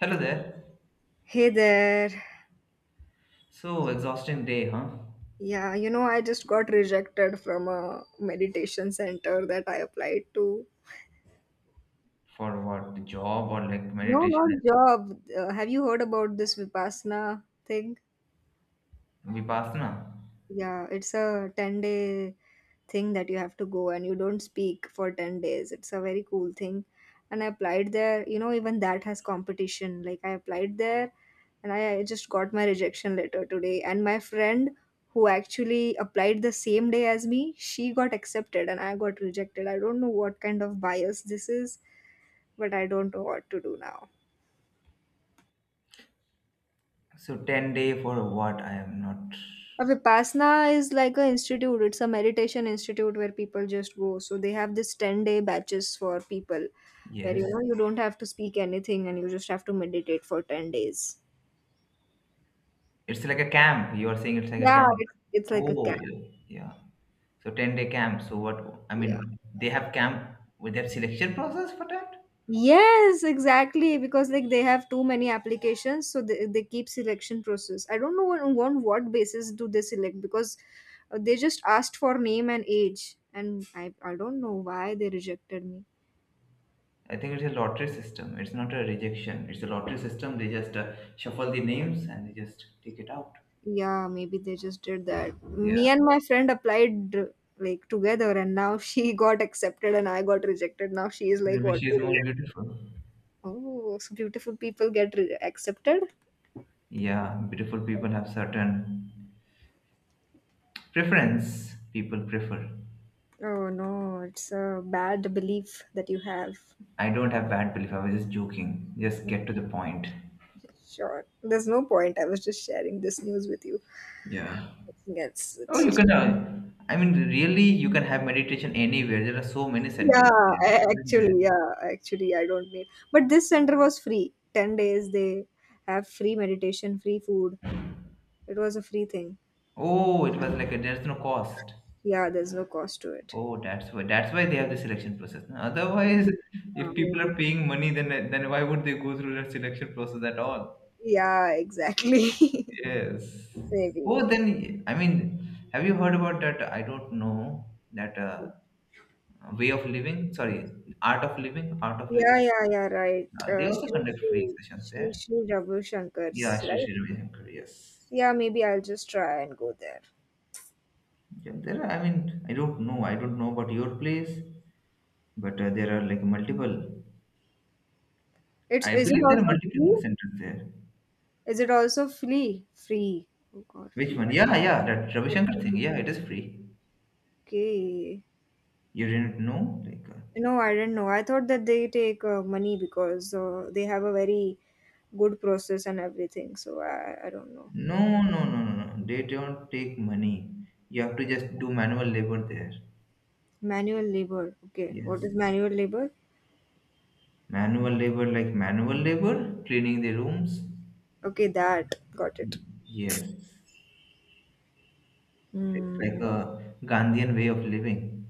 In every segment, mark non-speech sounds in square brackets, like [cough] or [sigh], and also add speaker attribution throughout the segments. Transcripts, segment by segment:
Speaker 1: Hello there.
Speaker 2: Hey there.
Speaker 1: So exhausting day, huh?
Speaker 2: Yeah, I just got rejected from a meditation center that I applied to.
Speaker 1: For what? The job or like
Speaker 2: No,
Speaker 1: meditation
Speaker 2: not job. Have you heard about this Vipassana thing?
Speaker 1: and vipassana?
Speaker 2: Yeah, it's a 10-day thing that you have to go and you don't speak for 10 days. It's a very cool thing. And I applied there, even that has competition. Like I applied there and I just got my rejection letter today. And my friend who actually applied the same day as me, she got accepted and I got rejected. I don't know what kind of bias this is, but I don't know what to do now.
Speaker 1: So 10 day for what? I am not.
Speaker 2: A Vipassana is like a institute. It's a meditation institute where people just go. So they have this 10-day batches for people where
Speaker 1: Yes.
Speaker 2: you don't have to speak anything and you just have to meditate for 10 days.
Speaker 1: It's like a camp. You are saying it's like a
Speaker 2: Yeah,
Speaker 1: camp.
Speaker 2: it's like a
Speaker 1: Oh,
Speaker 2: camp.
Speaker 1: yeah. Yeah. So 10-day camp. So what? I
Speaker 2: Yeah.
Speaker 1: mean, they have camp with their selection process for that?
Speaker 2: Yes, exactly. Because like they have too many applications, so they keep selection process. I don't know on what basis do they select, because they just asked for name and age, and I don't know why they rejected me.
Speaker 1: I think it's a lottery system. It's not a rejection. It's a lottery system. They just shuffle the names and they just take it out.
Speaker 2: Yeah, maybe they just did that.
Speaker 1: Yeah.
Speaker 2: Me and my friend applied like together, and now [laughs] she got accepted and I got rejected. Now she is like,
Speaker 1: Maybe
Speaker 2: what
Speaker 1: she's
Speaker 2: to do?
Speaker 1: more beautiful.
Speaker 2: Oh, so beautiful people get accepted?
Speaker 1: Yeah, beautiful people have certain preference. People prefer.
Speaker 2: Oh no, it's a bad belief that you have.
Speaker 1: I don't have bad belief. I was just joking. Just get to the point.
Speaker 2: Sure, there's no point. I was just sharing this news with you.
Speaker 1: Yeah.
Speaker 2: Yes,
Speaker 1: Oh,
Speaker 2: it's
Speaker 1: you
Speaker 2: just
Speaker 1: can. I mean, really, you can have meditation anywhere. There are so many centers
Speaker 2: yeah.
Speaker 1: there, isn't there?
Speaker 2: Actually, yeah, actually, I don't need. But this center was free. 10 days they have free meditation, free food. It was a free thing.
Speaker 1: Oh, it was like a, there's no cost.
Speaker 2: Yeah, there's no cost to it.
Speaker 1: Oh, that's why. That's why they have the selection process. Otherwise,
Speaker 2: Mhm.
Speaker 1: if people
Speaker 2: Maybe.
Speaker 1: are paying money, then why would they go through that selection process at all?
Speaker 2: Yeah, exactly. [laughs]
Speaker 1: Yes.
Speaker 2: Maybe.
Speaker 1: Oh, then I mean, have you heard about that? I don't know that way of living. Sorry, art of living, art of living.
Speaker 2: Yeah, yeah, yeah, right.
Speaker 1: They also
Speaker 2: Shri
Speaker 1: conduct free
Speaker 2: Shri
Speaker 1: sessions
Speaker 2: Shri
Speaker 1: there.
Speaker 2: Shri Ravi
Speaker 1: Yeah,
Speaker 2: Shankar's,
Speaker 1: Sri
Speaker 2: right?
Speaker 1: Sri Ravi Shankar. Yes.
Speaker 2: Yeah, maybe I'll just try and go there.
Speaker 1: Yeah, there. Are, I mean, I don't know. I don't know about your place, but there are like multiple.
Speaker 2: It's
Speaker 1: I
Speaker 2: Is it
Speaker 1: believe there are
Speaker 2: also free?
Speaker 1: multiple centers there.
Speaker 2: Is it also free? Free. Oh God,
Speaker 1: Which
Speaker 2: free.
Speaker 1: one? Yeah, yeah. That Ravi Shankar thing. Yeah, it is free.
Speaker 2: Okay.
Speaker 1: You didn't know, like.
Speaker 2: No, I didn't know. I thought that they take money, because they have a very good process and everything. So I don't know.
Speaker 1: No, no, no, no, no. They don't take money. You have to just do manual labor there.
Speaker 2: Manual labor. Okay. What
Speaker 1: Yes.
Speaker 2: is manual labor?
Speaker 1: Manual labor, like manual labor, cleaning the rooms.
Speaker 2: Okay, that. Got it.
Speaker 1: Y- Yes. It's like
Speaker 2: Hmm.
Speaker 1: a Gandhian way of living.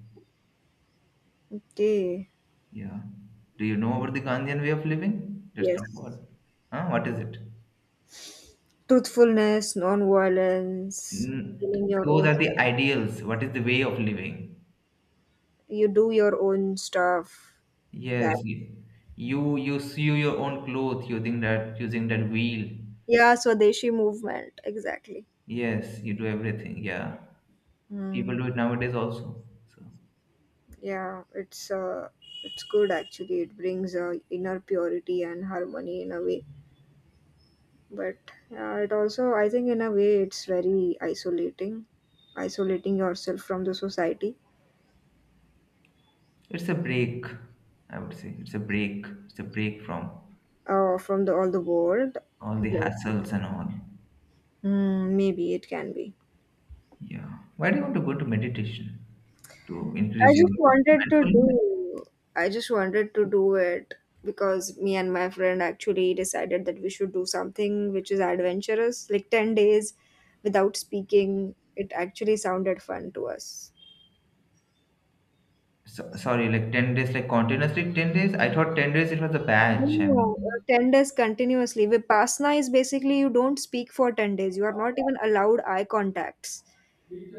Speaker 2: Okay.
Speaker 1: Yeah. Do you know about the Gandhian way of living? Let's talk
Speaker 2: Yes.
Speaker 1: about it. Huh? What is it?
Speaker 2: Truthfulness, non-violence,
Speaker 1: Mm,
Speaker 2: doing your
Speaker 1: those
Speaker 2: own.
Speaker 1: are the ideals. What is the way of living?
Speaker 2: You do your own stuff. That.
Speaker 1: Yes. You you sew your own clothes using that wheel.
Speaker 2: Yeah, Swadeshi movement. Exactly.
Speaker 1: Yes, you do everything. Yeah. People
Speaker 2: Hmm.
Speaker 1: do it nowadays also. So
Speaker 2: Yeah, it's good actually. It brings inner purity and harmony in a way. But it also, I think, in a way, it's very isolating, isolating yourself from the society.
Speaker 1: it's a break, I would say. It's a break. It's a break from
Speaker 2: From the all the world.
Speaker 1: all the hassles and all.
Speaker 2: Maybe it can be.
Speaker 1: Yeah. Why do you want to go to meditation? To
Speaker 2: I
Speaker 1: increase your
Speaker 2: just wanted to
Speaker 1: mindfulness?
Speaker 2: do. I just wanted to do it because me and my friend actually decided that we should do something which is adventurous, like 10 days without speaking. It actually sounded fun to us.
Speaker 1: So, sorry, like 10 days, like continuously 10 days? I thought 10 days it was a batch. I mean,
Speaker 2: No, 10 days continuously. Vipassana is basically you don't speak for 10 days. You are not even allowed eye contacts.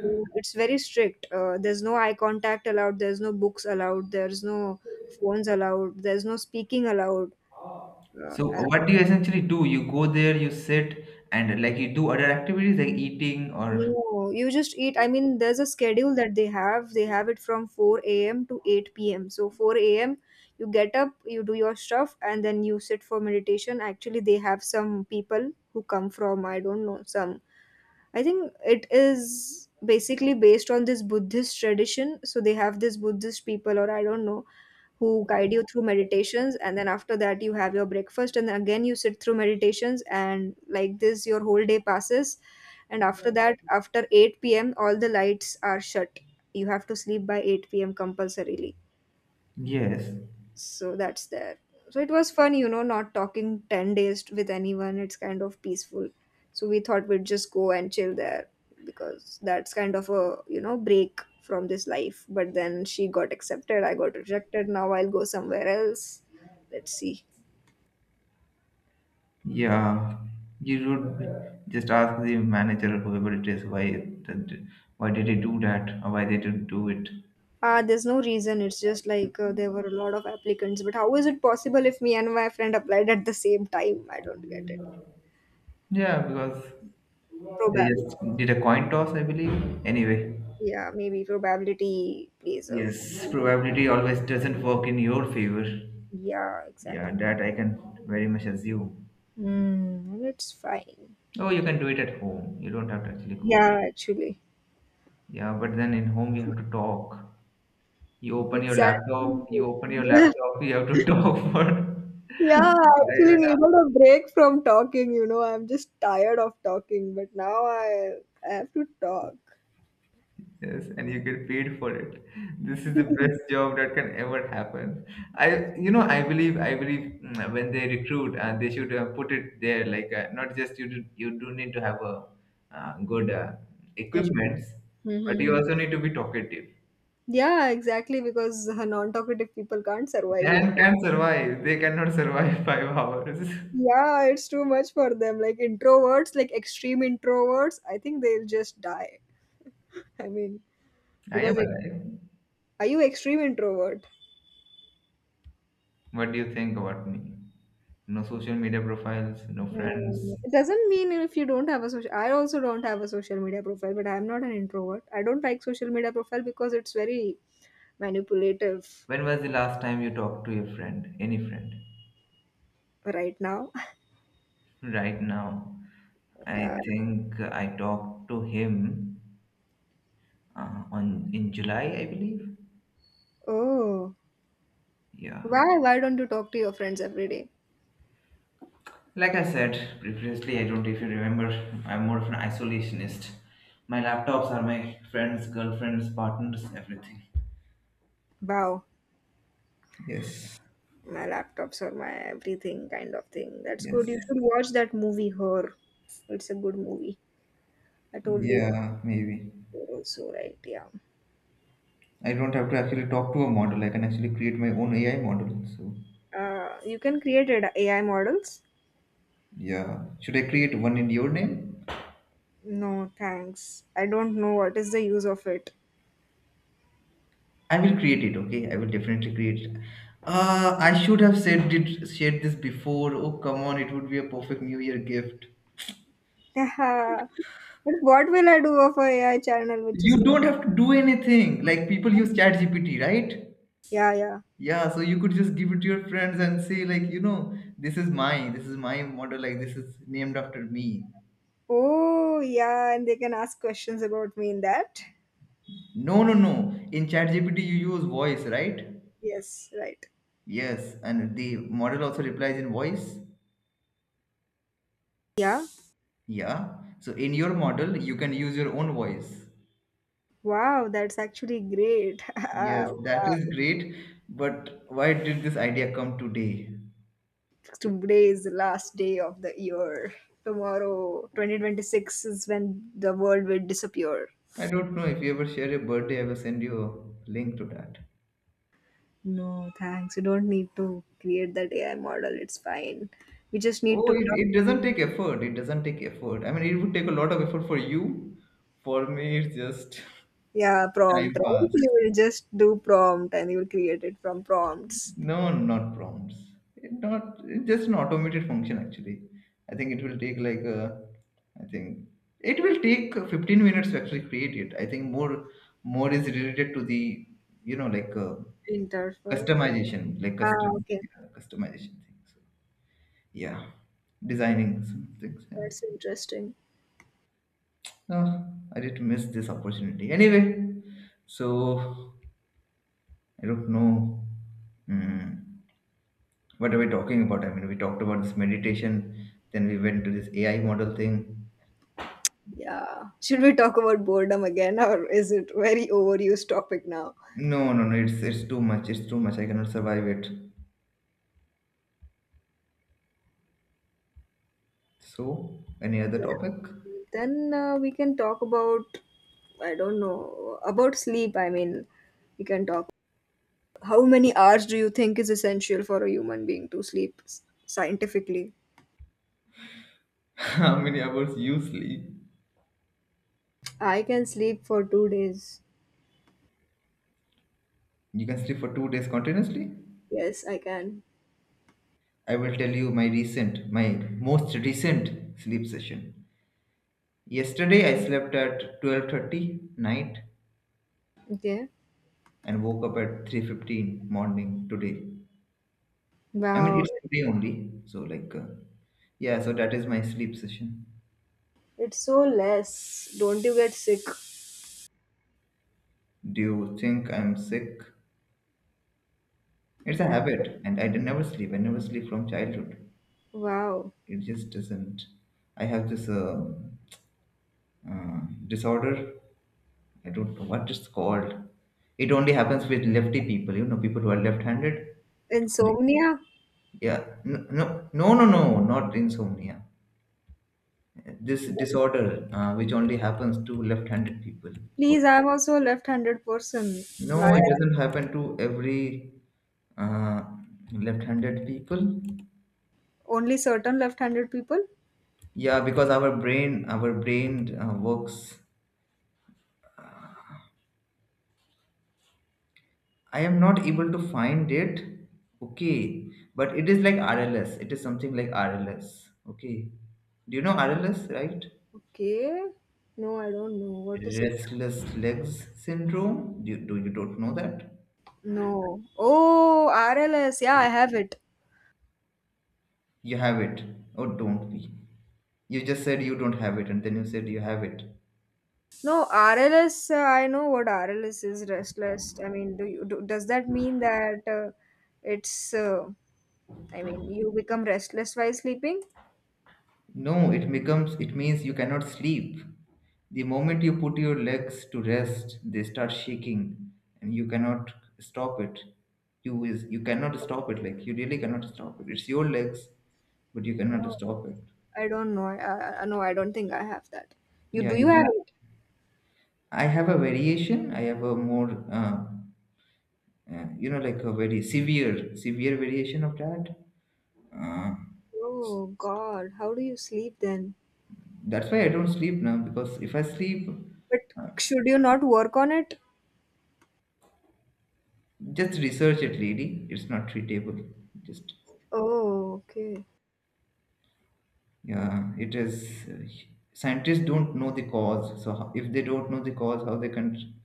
Speaker 2: It's very strict. There's no eye contact allowed. There's no books allowed. There's no phones allowed. There's no speaking allowed. Uh,
Speaker 1: so
Speaker 2: uh,
Speaker 1: what do you essentially do? You go there, you sit, and like you do other activities like eating or.
Speaker 2: no, you just eat. I mean, there's a schedule that they have. They have it from 4 a.m. to 8 p.m. So 4 a.m. you get up, you do your stuff, and then you sit for meditation. Actually, they have some people who come from I don't know some. I think it is basically based on this Buddhist tradition. So they have this Buddhist people, or I don't know who guide you through meditations, and then after that you have your breakfast, and then again you sit through meditations, and like this your whole day passes. And after that, after 8 p.m., all the lights are shut. You have to sleep by 8 p.m. compulsorily.
Speaker 1: Yes.
Speaker 2: So that's there. So it was fun, not talking 10 days with anyone. It's kind of peaceful. So we thought we'd just go and chill there, because that's kind of a break from this life. But then she got accepted, I got rejected. Now I'll go somewhere else. Let's see.
Speaker 1: Yeah, you should just ask the manager, whoever it is, why that, why did he do that, or why they didn't do it.
Speaker 2: There's no reason. It's just like there were a lot of applicants, but how is it possible if me and my friend applied at the same time? I don't get it.
Speaker 1: Yeah, because they
Speaker 2: Probably.
Speaker 1: just did a coin toss, I believe. Anyway,
Speaker 2: Yeah, maybe probability plays a.
Speaker 1: yes, probability always doesn't work in your favor.
Speaker 2: Yeah,
Speaker 1: Yeah,
Speaker 2: exactly.
Speaker 1: that I can very much assume.
Speaker 2: It's fine.
Speaker 1: Oh, you can do it at home. You don't have to actually go.
Speaker 2: Yeah, actually.
Speaker 1: Yeah, but then in home you have to talk. You open your
Speaker 2: Exactly.
Speaker 1: laptop. You open your
Speaker 2: [laughs] Yeah,
Speaker 1: laptop. You have to [laughs] talk for [laughs] five
Speaker 2: yeah, I actually
Speaker 1: and a
Speaker 2: needed a break from talking. I'm just tired of talking, but now I have to talk.
Speaker 1: yes, and you get paid for it. This is the best
Speaker 2: [laughs]
Speaker 1: job that can ever happen. I, you know, I believe when they recruit, they should put it there. Like, not just you do need to have a good
Speaker 2: Educate.
Speaker 1: equipments, but you
Speaker 2: Mm-hmm.
Speaker 1: also need to be talkative.
Speaker 2: Yeah, exactly, because non-talkative people can't survive here.
Speaker 1: Can survive. They cannot survive [laughs] 5 hours.
Speaker 2: Yeah, it's too much for them. Like introverts, like extreme introverts, I think they'll just die. I mean,
Speaker 1: I am
Speaker 2: because like,
Speaker 1: alive.
Speaker 2: are you extreme introvert?
Speaker 1: What do you think about me? No social media profiles, no friends.
Speaker 2: It doesn't mean if you don't have a social. I also don't have a social media profile, but I'm not an introvert. I don't like social media profile, because it's very manipulative.
Speaker 1: When was the last time you talked to your friend, any friend?
Speaker 2: Right now. [laughs]
Speaker 1: Right now.
Speaker 2: Yeah.
Speaker 1: I think I talked to him on in July, I believe.
Speaker 2: Oh,
Speaker 1: Yeah.
Speaker 2: why? Why don't you talk to your friends every day?
Speaker 1: Like I said previously, I don't know if you remember, I'm more of an isolationist. My laptops are my friends, girlfriends, partners, everything.
Speaker 2: Wow,
Speaker 1: Yes.
Speaker 2: my laptops or my everything kind of thing. That's good.
Speaker 1: Yes.
Speaker 2: You should watch that movie, Her. It's a good movie. I told you
Speaker 1: Yeah, maybe.
Speaker 2: also, right? Yeah.
Speaker 1: I don't have to actually talk to a model. I can actually create my own AI model. So,
Speaker 2: You can create AI models.
Speaker 1: yeah. Should I create one in your name?
Speaker 2: No, thanks. I don't know what is the use of it.
Speaker 1: I will create it. Okay, I will definitely create it. I should have said did shared this before. Oh come on, it would be a perfect New Year gift.
Speaker 2: [laughs] But what will I do of a AI channel which is
Speaker 1: You
Speaker 2: there?
Speaker 1: don't have to do anything. Like people use ChatGPT, right?
Speaker 2: Yeah, yeah.
Speaker 1: Yeah, so you could just give it to your friends and say like, you know, this is mine. This is my model. Like this is named after me.
Speaker 2: Oh, yeah, and they can ask questions about me in that.
Speaker 1: No, no, no. In ChatGPT, you use voice, right?
Speaker 2: Yes, right.
Speaker 1: Yes, and the model also replies in voice.
Speaker 2: Yeah.
Speaker 1: Yeah. So in your model, you can use your own voice.
Speaker 2: Wow, that's actually great. [laughs]
Speaker 1: Yes, that is great. But why did this idea come today?
Speaker 2: Today is the last day of the year. Tomorrow, 2026 is when the world will disappear.
Speaker 1: I don't know. If you ever share your birthday, I will send you a link to that.
Speaker 2: No, thanks. You don't need to create that AI model. It's fine. We just need
Speaker 1: Oh,
Speaker 2: to.
Speaker 1: it doesn't take effort. It doesn't take effort. I mean, it would take a lot of effort for you. For me, it's just
Speaker 2: Yeah,
Speaker 1: [laughs] time
Speaker 2: prompt, right?
Speaker 1: pass.
Speaker 2: You will just do prompt and you will create it from prompts.
Speaker 1: No, not prompts. It not it's just an automated function actually. I think it will take like a, I think it will take 15 minutes to actually create it. I think more is related to the you know like
Speaker 2: Interval.
Speaker 1: customization, like
Speaker 2: Ah,
Speaker 1: custom,
Speaker 2: okay.
Speaker 1: yeah, customization things. So, yeah, designing some things. Yeah. So,
Speaker 2: That's interesting.
Speaker 1: no, I did miss this opportunity. Anyway, so I don't know. Mm, what are we talking about? I mean, we talked about this meditation, then we went to this AI model thing.
Speaker 2: Yeah. Should we talk about boredom again, or is it very overused topic now?
Speaker 1: No, no, no. It's too much. It's too much. I cannot survive it. So, any other topic?
Speaker 2: Then we can talk about, I don't know, about sleep. I mean, we can talk. How many hours do you think is essential for a human being to sleep scientifically?
Speaker 1: [laughs] How many hours you sleep?
Speaker 2: I can sleep for 2 days.
Speaker 1: You can sleep for 2 days continuously.
Speaker 2: Yes, I can.
Speaker 1: I will tell you my most recent sleep session. Yesterday I slept at 12:30 night
Speaker 2: Okay.
Speaker 1: and woke up at 3:15 morning today. I mean
Speaker 2: Wow.
Speaker 1: it's today only, so like yeah, so that is my sleep session.
Speaker 2: It's so less. Don't you get sick?
Speaker 1: Do you think I'm sick? It's a
Speaker 2: I-
Speaker 1: habit, and. I never sleep from childhood.
Speaker 2: Wow.
Speaker 1: It just doesn't. I have this uh, disorder. I don't know what it's called. It only happens with lefty people, you know, people who are left-handed. It only,
Speaker 2: Insomnia?
Speaker 1: yeah, no, no, no, no, no, not insomnia. This
Speaker 2: Then.
Speaker 1: disorder, which only happens to left-handed people.
Speaker 2: Please, I'm also a left-handed person. Why?
Speaker 1: No, it doesn't happen to every uh, left-handed people.
Speaker 2: Only certain left-handed people?
Speaker 1: Yeah, because our brain works. I am not able to find it. Okay, but it is like RLS. It is something like RLS. Okay, do you know RLS, right?
Speaker 2: Okay. No, I don't know. What is it?
Speaker 1: Restless legs syndrome. Do you don't know that?
Speaker 2: No. Oh, RLS. Yeah, I have it.
Speaker 1: You have it. Oh, don't be. You just said you don't have it, and then you said you have it.
Speaker 2: No, RLS. I know what RLS is. Restless. I mean, does that mean that it's? I mean, you become restless while sleeping?
Speaker 1: No, it becomes it means you cannot sleep. The moment you put your legs to rest, they start shaking and you cannot stop it. You is you cannot stop it, like you really cannot stop it. It's your legs, but you cannot stop it.
Speaker 2: I don't know. No, I don't think I have that. You
Speaker 1: Yeah,
Speaker 2: do
Speaker 1: you
Speaker 2: you have
Speaker 1: don't.
Speaker 2: it?
Speaker 1: I have a variation. I have a more, you know, like a very severe variation of that. Uh,
Speaker 2: Oh God, how do you sleep then?
Speaker 1: that's why I don't sleep now because if I sleep,
Speaker 2: But should you not work on it?
Speaker 1: just research it, lady. It's not treatable. Just
Speaker 2: Oh, okay.
Speaker 1: yeah, it is. Scientists don't know the cause, so how, if they don't know the cause, how they can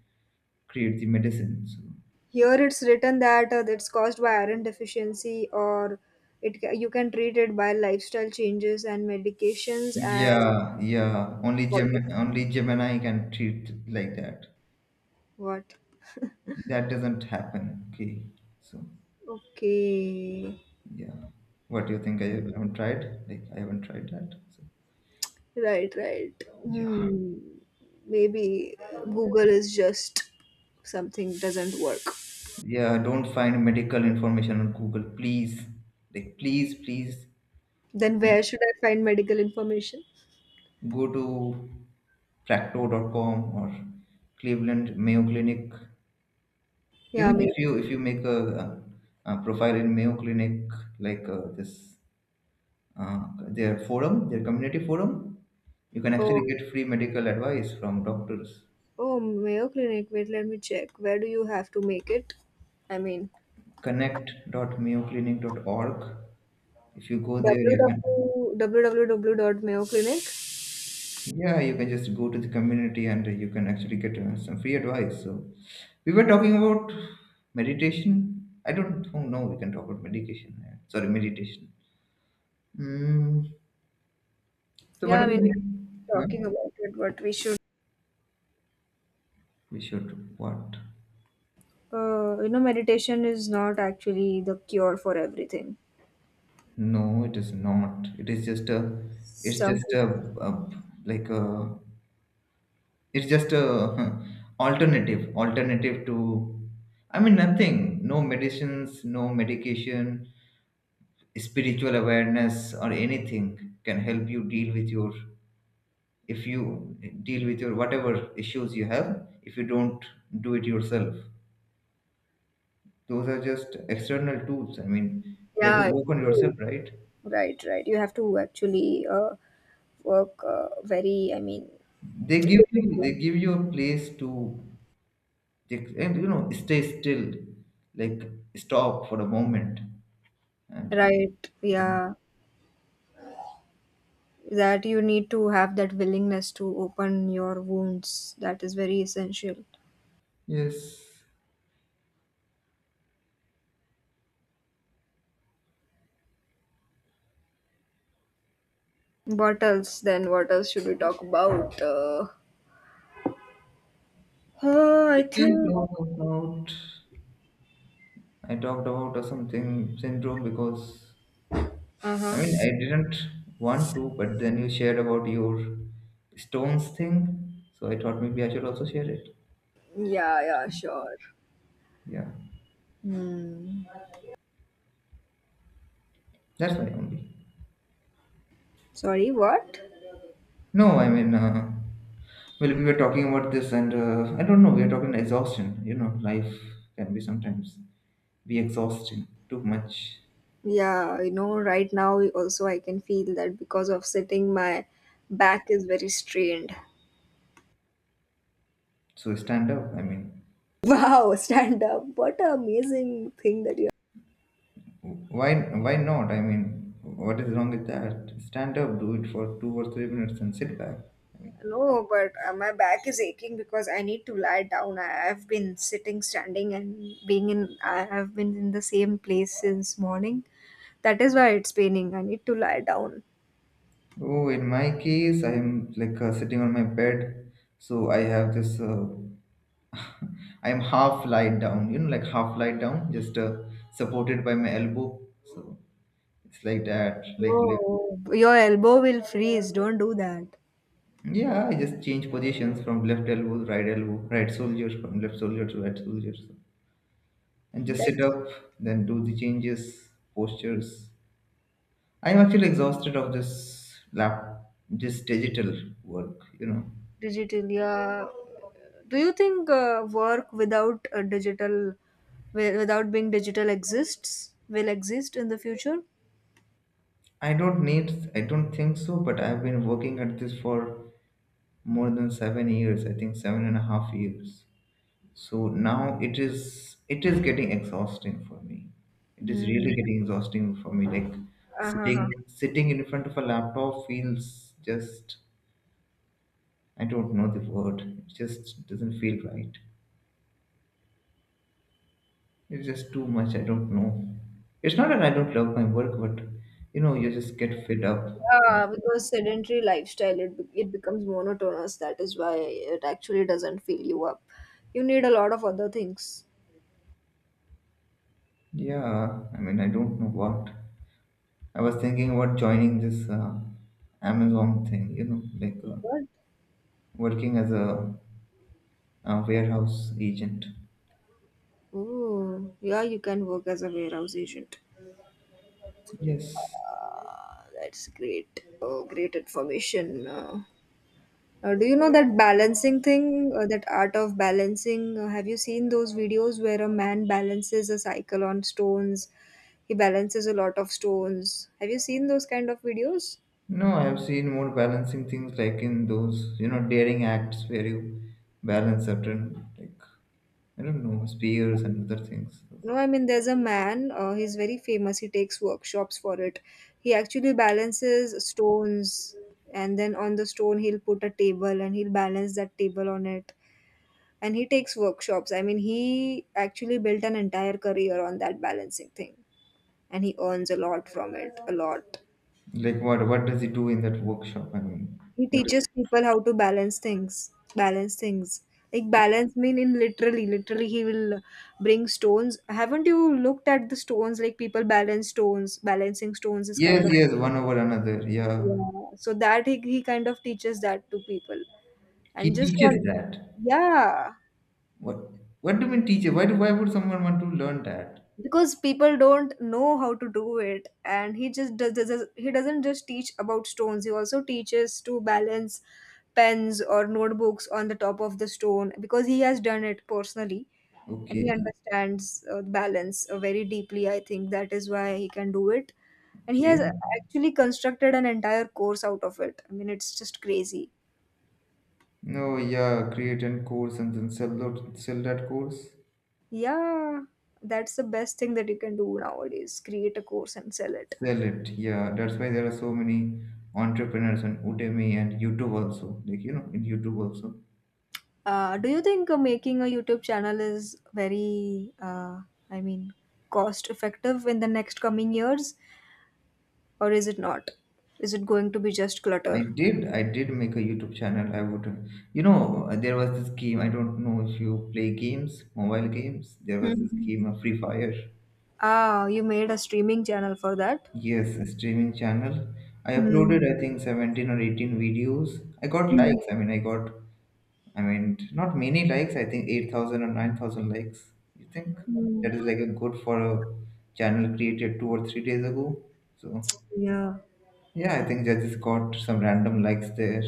Speaker 1: create the medicine? So,
Speaker 2: Here it's written that it's caused by iron deficiency, or you can treat it by lifestyle changes and medications and
Speaker 1: yeah, yeah. Only Gem, only Gemini can treat like that.
Speaker 2: what?
Speaker 1: That doesn't happen. Okay, so
Speaker 2: Okay,
Speaker 1: yeah. What do you think? I haven't tried. Like I haven't tried that. So
Speaker 2: right, right.
Speaker 1: yeah,
Speaker 2: Hmm. Maybe Google is just something doesn't work.
Speaker 1: yeah. Don't find medical information on Google, please. Like please, please.
Speaker 2: Then where should I find medical information?
Speaker 1: Go to Fracto.com or Cleveland Mayo Clinic. You
Speaker 2: Yeah,
Speaker 1: know, if
Speaker 2: Mayo.
Speaker 1: you if you make a profile in Mayo Clinic, like this, their forum, their community forum, you can actually
Speaker 2: Oh,
Speaker 1: get free medical advice from doctors.
Speaker 2: oh, Mayo Clinic. Wait, let me check. Where do you have to make it? I mean,
Speaker 1: Connect.mayoclinic.org. If you go there, you can.
Speaker 2: www. Dot mayo clinic.
Speaker 1: Yeah, you can just go to the community and you can actually get some free advice. So, we were talking about meditation. I don't oh, know no, we can talk about medication. Yeah. Sorry, meditation. Mm, so,
Speaker 2: Yeah,
Speaker 1: what are
Speaker 2: I mean,
Speaker 1: we?
Speaker 2: we are
Speaker 1: Huh?
Speaker 2: talking about it, but we should.
Speaker 1: We should what?
Speaker 2: Meditation is not actually the cure for everything.
Speaker 1: No, it is not. It is just a. It's
Speaker 2: Some,
Speaker 1: just a like a. It's just a [laughs] alternative. Alternative to. I mean nothing. No medicines. No medication. Spiritual awareness or anything can help you deal with your if you deal with your whatever issues you have if you don't do it yourself those are just external tools. I mean you have to
Speaker 2: yeah, it's
Speaker 1: work
Speaker 2: a
Speaker 1: on yourself,
Speaker 2: tool.
Speaker 1: right?
Speaker 2: Right, right. You have to actually work very. I mean,
Speaker 1: They give you they give you a place to and you know stay still like stop for a moment and
Speaker 2: right.
Speaker 1: yeah.
Speaker 2: Yeah, that you need to have that willingness to open your wounds, that is very essential.
Speaker 1: Yes,
Speaker 2: What else, then what else should we talk about?
Speaker 1: we
Speaker 2: I
Speaker 1: can
Speaker 2: think.
Speaker 1: talk about I talked about a something syndrome because I mean,
Speaker 2: Uh-huh.
Speaker 1: I didn't want to, but then you shared about your stones thing, so I thought maybe I should also share it.
Speaker 2: Yeah, yeah, sure.
Speaker 1: Yeah,
Speaker 2: Hmm.
Speaker 1: that's my only.
Speaker 2: Sorry, what?
Speaker 1: No, I mean, well, we were talking about this, and I don't know, we are talking exhaustion. You know, life can be sometimes be exhausting too much.
Speaker 2: Yeah, right now also I can feel that because of sitting my back is very strained.
Speaker 1: So stand up. I mean,
Speaker 2: [laughs] Wow, stand up, what an amazing thing that you.
Speaker 1: why not? I mean, what is wrong with that? Stand up, do it for 2 or 3 minutes, and sit back.
Speaker 2: No, but my back is aching because I need to lie down. I have been sitting, standing, and being in. I have been in the same place since morning. That is why it's paining. I need to lie down.
Speaker 1: Oh, in my case, I'm like sitting on my bed, so I have this. [laughs] I'm half lied down, like half lied down, just supported by my elbow. So it's like that, like lip.
Speaker 2: Oh, your elbow will freeze. Don't do that.
Speaker 1: Yeah, I just change positions from left elbow, right soldier, from left soldier to right soldier, so. And just sit
Speaker 2: That's
Speaker 1: up, then do the changes, postures. I'm actually exhausted of this lap, this digital work, you know.
Speaker 2: digital. Yeah. Do you think work without a digital, without being digital, exists? Will exist in the future?
Speaker 1: I don't think so, but I've been working at this for more than 7 years, I think seven and a half years. So now it is getting exhausting for me. It is
Speaker 2: Hmm.
Speaker 1: really getting exhausting for me. Like
Speaker 2: Uh-huh.
Speaker 1: sitting in front of a laptop feels just, I don't know the word. It just doesn't feel right. It's just too much. I don't know. It's not that I don't love my work, but you know, you just get fed up.
Speaker 2: Yeah, because sedentary lifestyle it becomes monotonous. That is why it actually doesn't fill you up. You need a lot of other things.
Speaker 1: Yeah, I mean, I don't know what. I was thinking about joining this Amazon thing, you know, like
Speaker 2: What?
Speaker 1: working as a, warehouse agent.
Speaker 2: Oh, yeah, you can work as a warehouse agent.
Speaker 1: Yes.
Speaker 2: Ah, that's great. Oh, great information. Do you know that balancing thing, that art of balancing? Have you seen those videos where a man balances a cycle on stones? He balances a lot of stones. Have you seen those kind of videos?
Speaker 1: No, I have seen more balancing things like in those, you know, daring acts where you balance certain, like, I don't know, spears and other things.
Speaker 2: No, I mean, there's a man, he's very famous. He takes workshops for it. He actually balances stones, and then on the stone, he'll put a table and he'll balance that table on it. And he takes workshops. I mean, he actually built an entire career on that balancing thing, and he earns a lot from it, a lot.
Speaker 1: Like what? What does he do in that workshop? I mean,
Speaker 2: He
Speaker 1: what is?
Speaker 2: teaches people how to balance things. Balance things, like balance mean in literally he will bring stones. Haven't you looked at the stones? Like, people balance stones. Balancing stones is
Speaker 1: Yes,
Speaker 2: kind of,
Speaker 1: yes, one over another. Yeah,
Speaker 2: yeah, so that he kind of teaches that to people
Speaker 1: he
Speaker 2: and just not,
Speaker 1: teaches that.
Speaker 2: yeah,
Speaker 1: What? What do you mean teacher? Why do? Why would someone want to learn that?
Speaker 2: because people don't know how to do it and he just he doesn't just teach about stones, he also teaches to balance pens or notebooks on the top of the stone because he has done it personally. And he
Speaker 1: Okay,
Speaker 2: understands balance very deeply. I think that is why he can do it. And he has
Speaker 1: okay.
Speaker 2: actually constructed an entire course out of it. I mean, it's just crazy.
Speaker 1: No, yeah, create and course and then sell that course,
Speaker 2: Yeah, that's the best thing that you can do nowadays, create a course and sell it.
Speaker 1: sell it. Yeah, that's why there are so many entrepreneurs on Udemy and YouTube also. Like, you know, in YouTube also.
Speaker 2: Do you think making a YouTube channel is very, I mean, cost effective in the next coming years, or is it not? Is it going to be just
Speaker 1: I
Speaker 2: clutter?
Speaker 1: did, I did make a YouTube channel. I would, you know, there was this game. I don't know if you play games, mobile games. There was this
Speaker 2: Mhm.
Speaker 1: game, Free Fire.
Speaker 2: Ah, you made a streaming channel for that.
Speaker 1: Yes, a streaming channel. I uploaded,
Speaker 2: Mm.
Speaker 1: I think, 17 or 18 videos. I got
Speaker 2: Mm.
Speaker 1: likes. I mean, I mean, not many likes. I think 8,000 or 9,000 likes. You think
Speaker 2: Mm.
Speaker 1: that is like a good for a channel created 2 or 3 days ago? So
Speaker 2: Yeah,
Speaker 1: yeah, I think judges got some random likes there.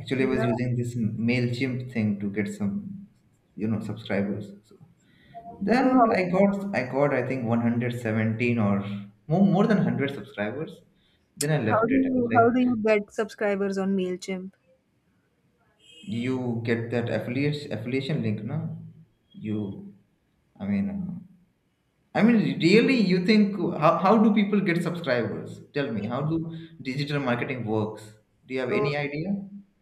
Speaker 1: Actually, I was
Speaker 2: yeah.
Speaker 1: using this Mailchimp thing to get some, you know, subscribers. So then
Speaker 2: Oh,
Speaker 1: I got I think 117 or more than hundred subscribers. Then I
Speaker 2: how, how
Speaker 1: left
Speaker 2: do
Speaker 1: it. I was
Speaker 2: you
Speaker 1: like,
Speaker 2: how do you get subscribers on Mailchimp?
Speaker 1: you get that affiliate affiliation link, no? You I mean, uh, I mean, really, you think how do people get subscribers? Tell me, how do digital marketing works? Do you have
Speaker 2: Oh
Speaker 1: any idea?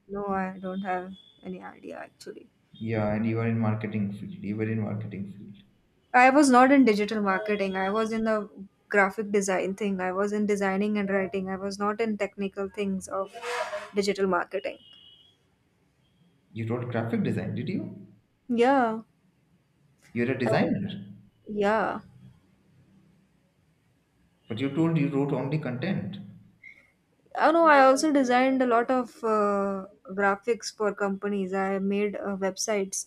Speaker 2: no, I don't have any idea actually.
Speaker 1: Yeah, and you are in marketing field. You were in marketing field.
Speaker 2: I was not in digital marketing. I was in the graphic design thing. I was in designing and writing. I was not in technical things of digital marketing.
Speaker 1: You wrote graphic design, did you?
Speaker 2: Yeah.
Speaker 1: You're a
Speaker 2: I-
Speaker 1: designer,
Speaker 2: Yeah.
Speaker 1: but you told you wrote only content.
Speaker 2: I know, I also designed a lot of graphics for companies. I made websites.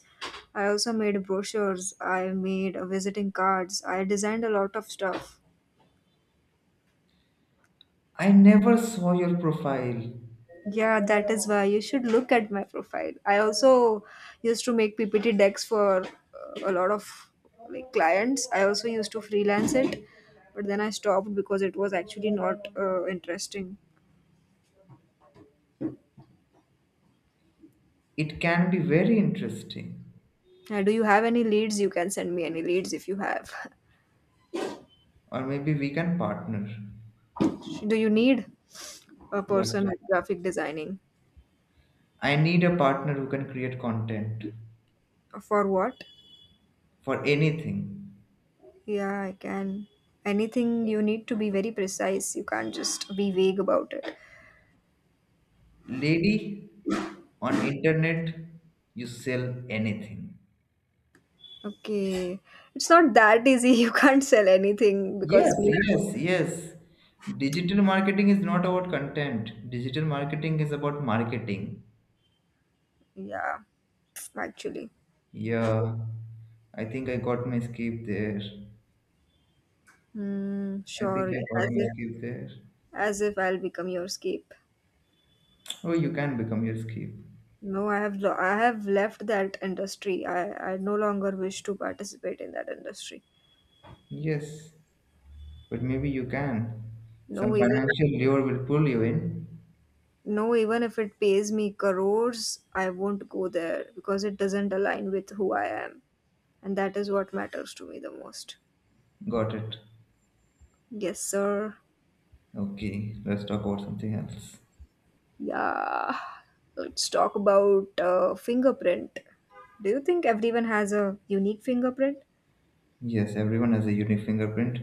Speaker 2: I also made brochures. I made visiting cards. I designed a lot of stuff.
Speaker 1: I never saw your profile.
Speaker 2: Yeah, that is why you should look at my profile. I also used to make PPT decks for a lot of like clients. I also used to freelance it, but then I stopped because it was actually not interesting.
Speaker 1: It can be very interesting,
Speaker 2: Do you have any leads? You can send me any leads if you have.
Speaker 1: or maybe we can partner.
Speaker 2: [laughs] Do you need a
Speaker 1: But
Speaker 2: person at graphic designing?
Speaker 1: I need a partner who can create content
Speaker 2: For what?
Speaker 1: for anything.
Speaker 2: Yeah, I can. Anything you need to be very precise. You can't just be vague about it.
Speaker 1: Lady on internet, you sell anything.
Speaker 2: Okay. It's not that easy. [laughs] You can't sell anything
Speaker 1: Yes,
Speaker 2: because me.
Speaker 1: yes, yes, digital marketing is not about content, digital marketing is about marketing.
Speaker 2: Yeah, actually.
Speaker 1: Yeah, I think I got my skip there.
Speaker 2: Hmm,
Speaker 1: I think
Speaker 2: sure.
Speaker 1: I got my skip there.
Speaker 2: As if I'll become your scape.
Speaker 1: Oh, you can become your skip.
Speaker 2: No, I have left that industry. I no longer wish to participate in that industry.
Speaker 1: Yes, but maybe you can, some
Speaker 2: No, even
Speaker 1: financial lure will pull you in.
Speaker 2: no, even if it pays me crores, I won't go there because it doesn't align with who I am, and that is what matters to me the most.
Speaker 1: Got it.
Speaker 2: Yes, sir.
Speaker 1: Okay, let's talk about something else.
Speaker 2: Yeah, let's talk about fingerprint. Do you think everyone has a unique fingerprint?
Speaker 1: Yes, everyone has a unique fingerprint.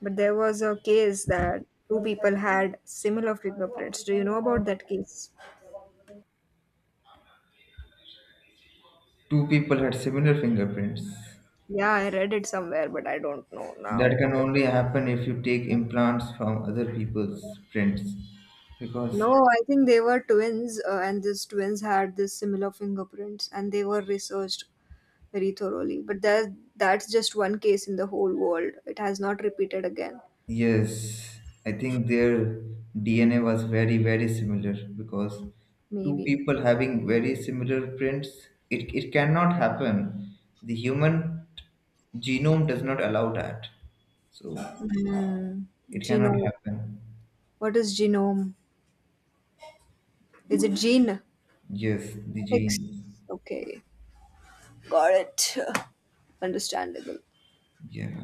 Speaker 2: But there was a case that two people had similar fingerprints. Do you know about that case?
Speaker 1: Two people had similar fingerprints.
Speaker 2: Yeah, I read it somewhere, but I don't know
Speaker 1: That can
Speaker 2: now.
Speaker 1: only happen if you take implants from other people's prints. Because,
Speaker 2: No, I think they were twins, and these twins had this similar fingerprints, and they were researched very thoroughly. But that's just one case in the whole world. It has not repeated again.
Speaker 1: yes, I think their DNA was very, very similar. Because two
Speaker 2: Maybe.
Speaker 1: people having very similar prints, it cannot happen. The human genome does not allow that. So,
Speaker 2: Mm,
Speaker 1: it cannot
Speaker 2: genome.
Speaker 1: happen.
Speaker 2: What is genome? Is it gene?
Speaker 1: Yes, the
Speaker 2: Genetics?
Speaker 1: gene.
Speaker 2: Okay, got it. [sighs] Understandable.
Speaker 1: Yeah.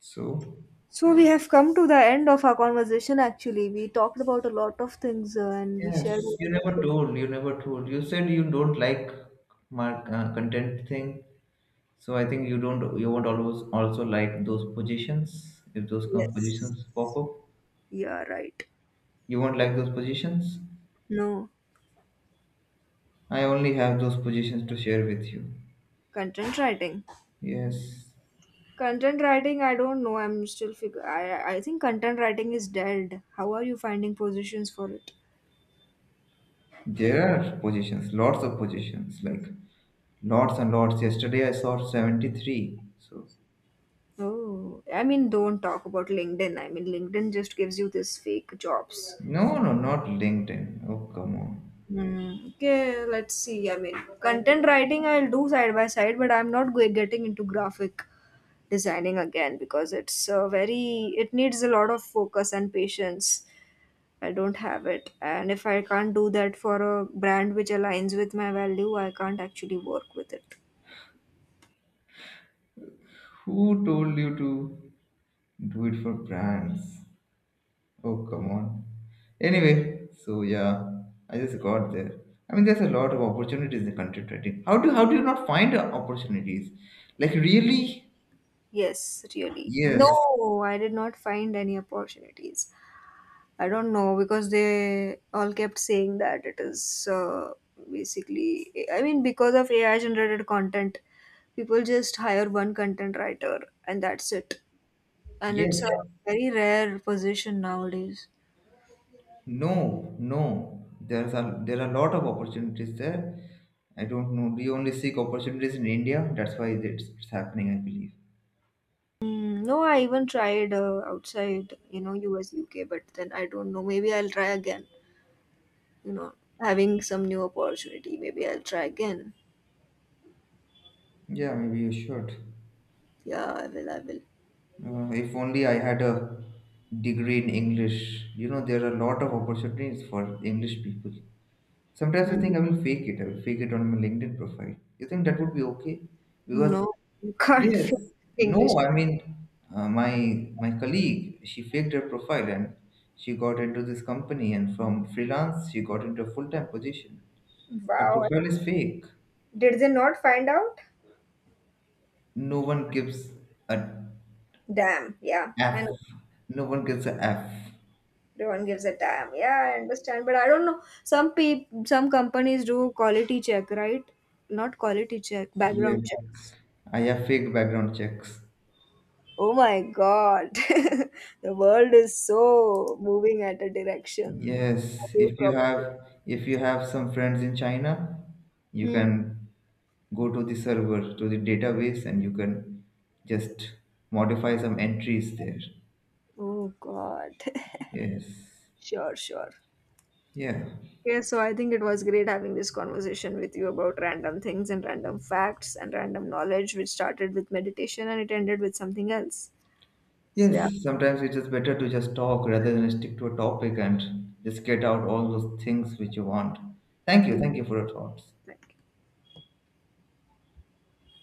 Speaker 1: So,
Speaker 2: So we have come to the end of our conversation. Actually, we talked about a lot of things and we shared a
Speaker 1: yes, you
Speaker 2: lot of
Speaker 1: never
Speaker 2: things.
Speaker 1: told. You never told. You said you don't like my content thing. So I think you don't. You won't always also like those positions if those kind of
Speaker 2: Yes,
Speaker 1: positions pop up.
Speaker 2: yeah, right.
Speaker 1: You won't like those positions.
Speaker 2: No,
Speaker 1: I only have those positions to share with you.
Speaker 2: content writing.
Speaker 1: Yes,
Speaker 2: Content writing. I don't know. I'm still figure. I think content writing is dead. How are you finding positions for it?
Speaker 1: there are positions. Lots of positions. Like lots and lots. Yesterday I saw 73. So
Speaker 2: Oh, I mean, don't talk about LinkedIn. I mean, LinkedIn just gives you this fake jobs.
Speaker 1: no, no, not LinkedIn. Oh come on.
Speaker 2: Hmm. Okay, let's see. I mean, content writing I'll do side by side, but I'm not go- getting into graphic designing again because it's very, it needs a lot of focus and patience. I don't have it. And if I can't do that for a brand which aligns with my value, I can't actually work with it.
Speaker 1: Who told you to do it for brands? Oh, come on. Anyway, so yeah, I just got there. I mean, there's a lot of opportunities in content writing. How do you not find opportunities? Like really?
Speaker 2: Yes, really.
Speaker 1: Yes,
Speaker 2: No, I did not find any opportunities. I don't know because they all kept saying that it is basically, I mean, because of AI generated content, people just hire one content writer and that's it. And it's a
Speaker 1: yes.
Speaker 2: very rare position nowadays.
Speaker 1: No, no. There are a lot of opportunities there. I don't know. We only seek opportunities in India. That's why it's happening, I believe.
Speaker 2: Mm, no, I even tried outside, you know, US, UK, but then I don't know. Maybe I'll try again, you know, having some new opportunity. Maybe I'll try again.
Speaker 1: Yeah, maybe you should.
Speaker 2: Yeah, I will.
Speaker 1: If only I had a degree in English. You know, there are a lot of opportunities for English people. Sometimes I
Speaker 2: Mm.
Speaker 1: think I will fake it. I will fake it on my LinkedIn profile. You think that would be okay? Because
Speaker 2: No, you can't [laughs]
Speaker 1: yes,
Speaker 2: feel
Speaker 1: no.
Speaker 2: English.
Speaker 1: I mean, my colleague, she faked her profile and she got into this company, and from freelance she got into a full time position. Her
Speaker 2: Wow.
Speaker 1: profile is fake.
Speaker 2: Did they not find out?
Speaker 1: No one gives a
Speaker 2: Damn. Yeah, I
Speaker 1: F.
Speaker 2: know.
Speaker 1: No one gets a F.
Speaker 2: Everyone gives a damn. Yeah, I understand, but I don't know. Some peop some companies do quality check, right? Not quality check,
Speaker 1: Yeah,
Speaker 2: background checks.
Speaker 1: I have fake background checks.
Speaker 2: Oh my God, [laughs] the world is so moving at a direction
Speaker 1: Yes,
Speaker 2: away from.
Speaker 1: if you have some friends in China, you
Speaker 2: Hmm.
Speaker 1: can go to the server, to the database, and you can just modify some entries there.
Speaker 2: Oh God. [laughs]
Speaker 1: Yes.
Speaker 2: Sure, sure.
Speaker 1: Yeah.
Speaker 2: Okay, so I think it was great having this conversation with you about random things and random facts and random knowledge, which started with meditation and it ended with something else. So yeah,
Speaker 1: Yes, sometimes it is better to just talk rather than stick to a topic and just get out all those things which you want. Thank you.
Speaker 2: dear,
Speaker 1: Thank you for your thoughts.
Speaker 2: thank you.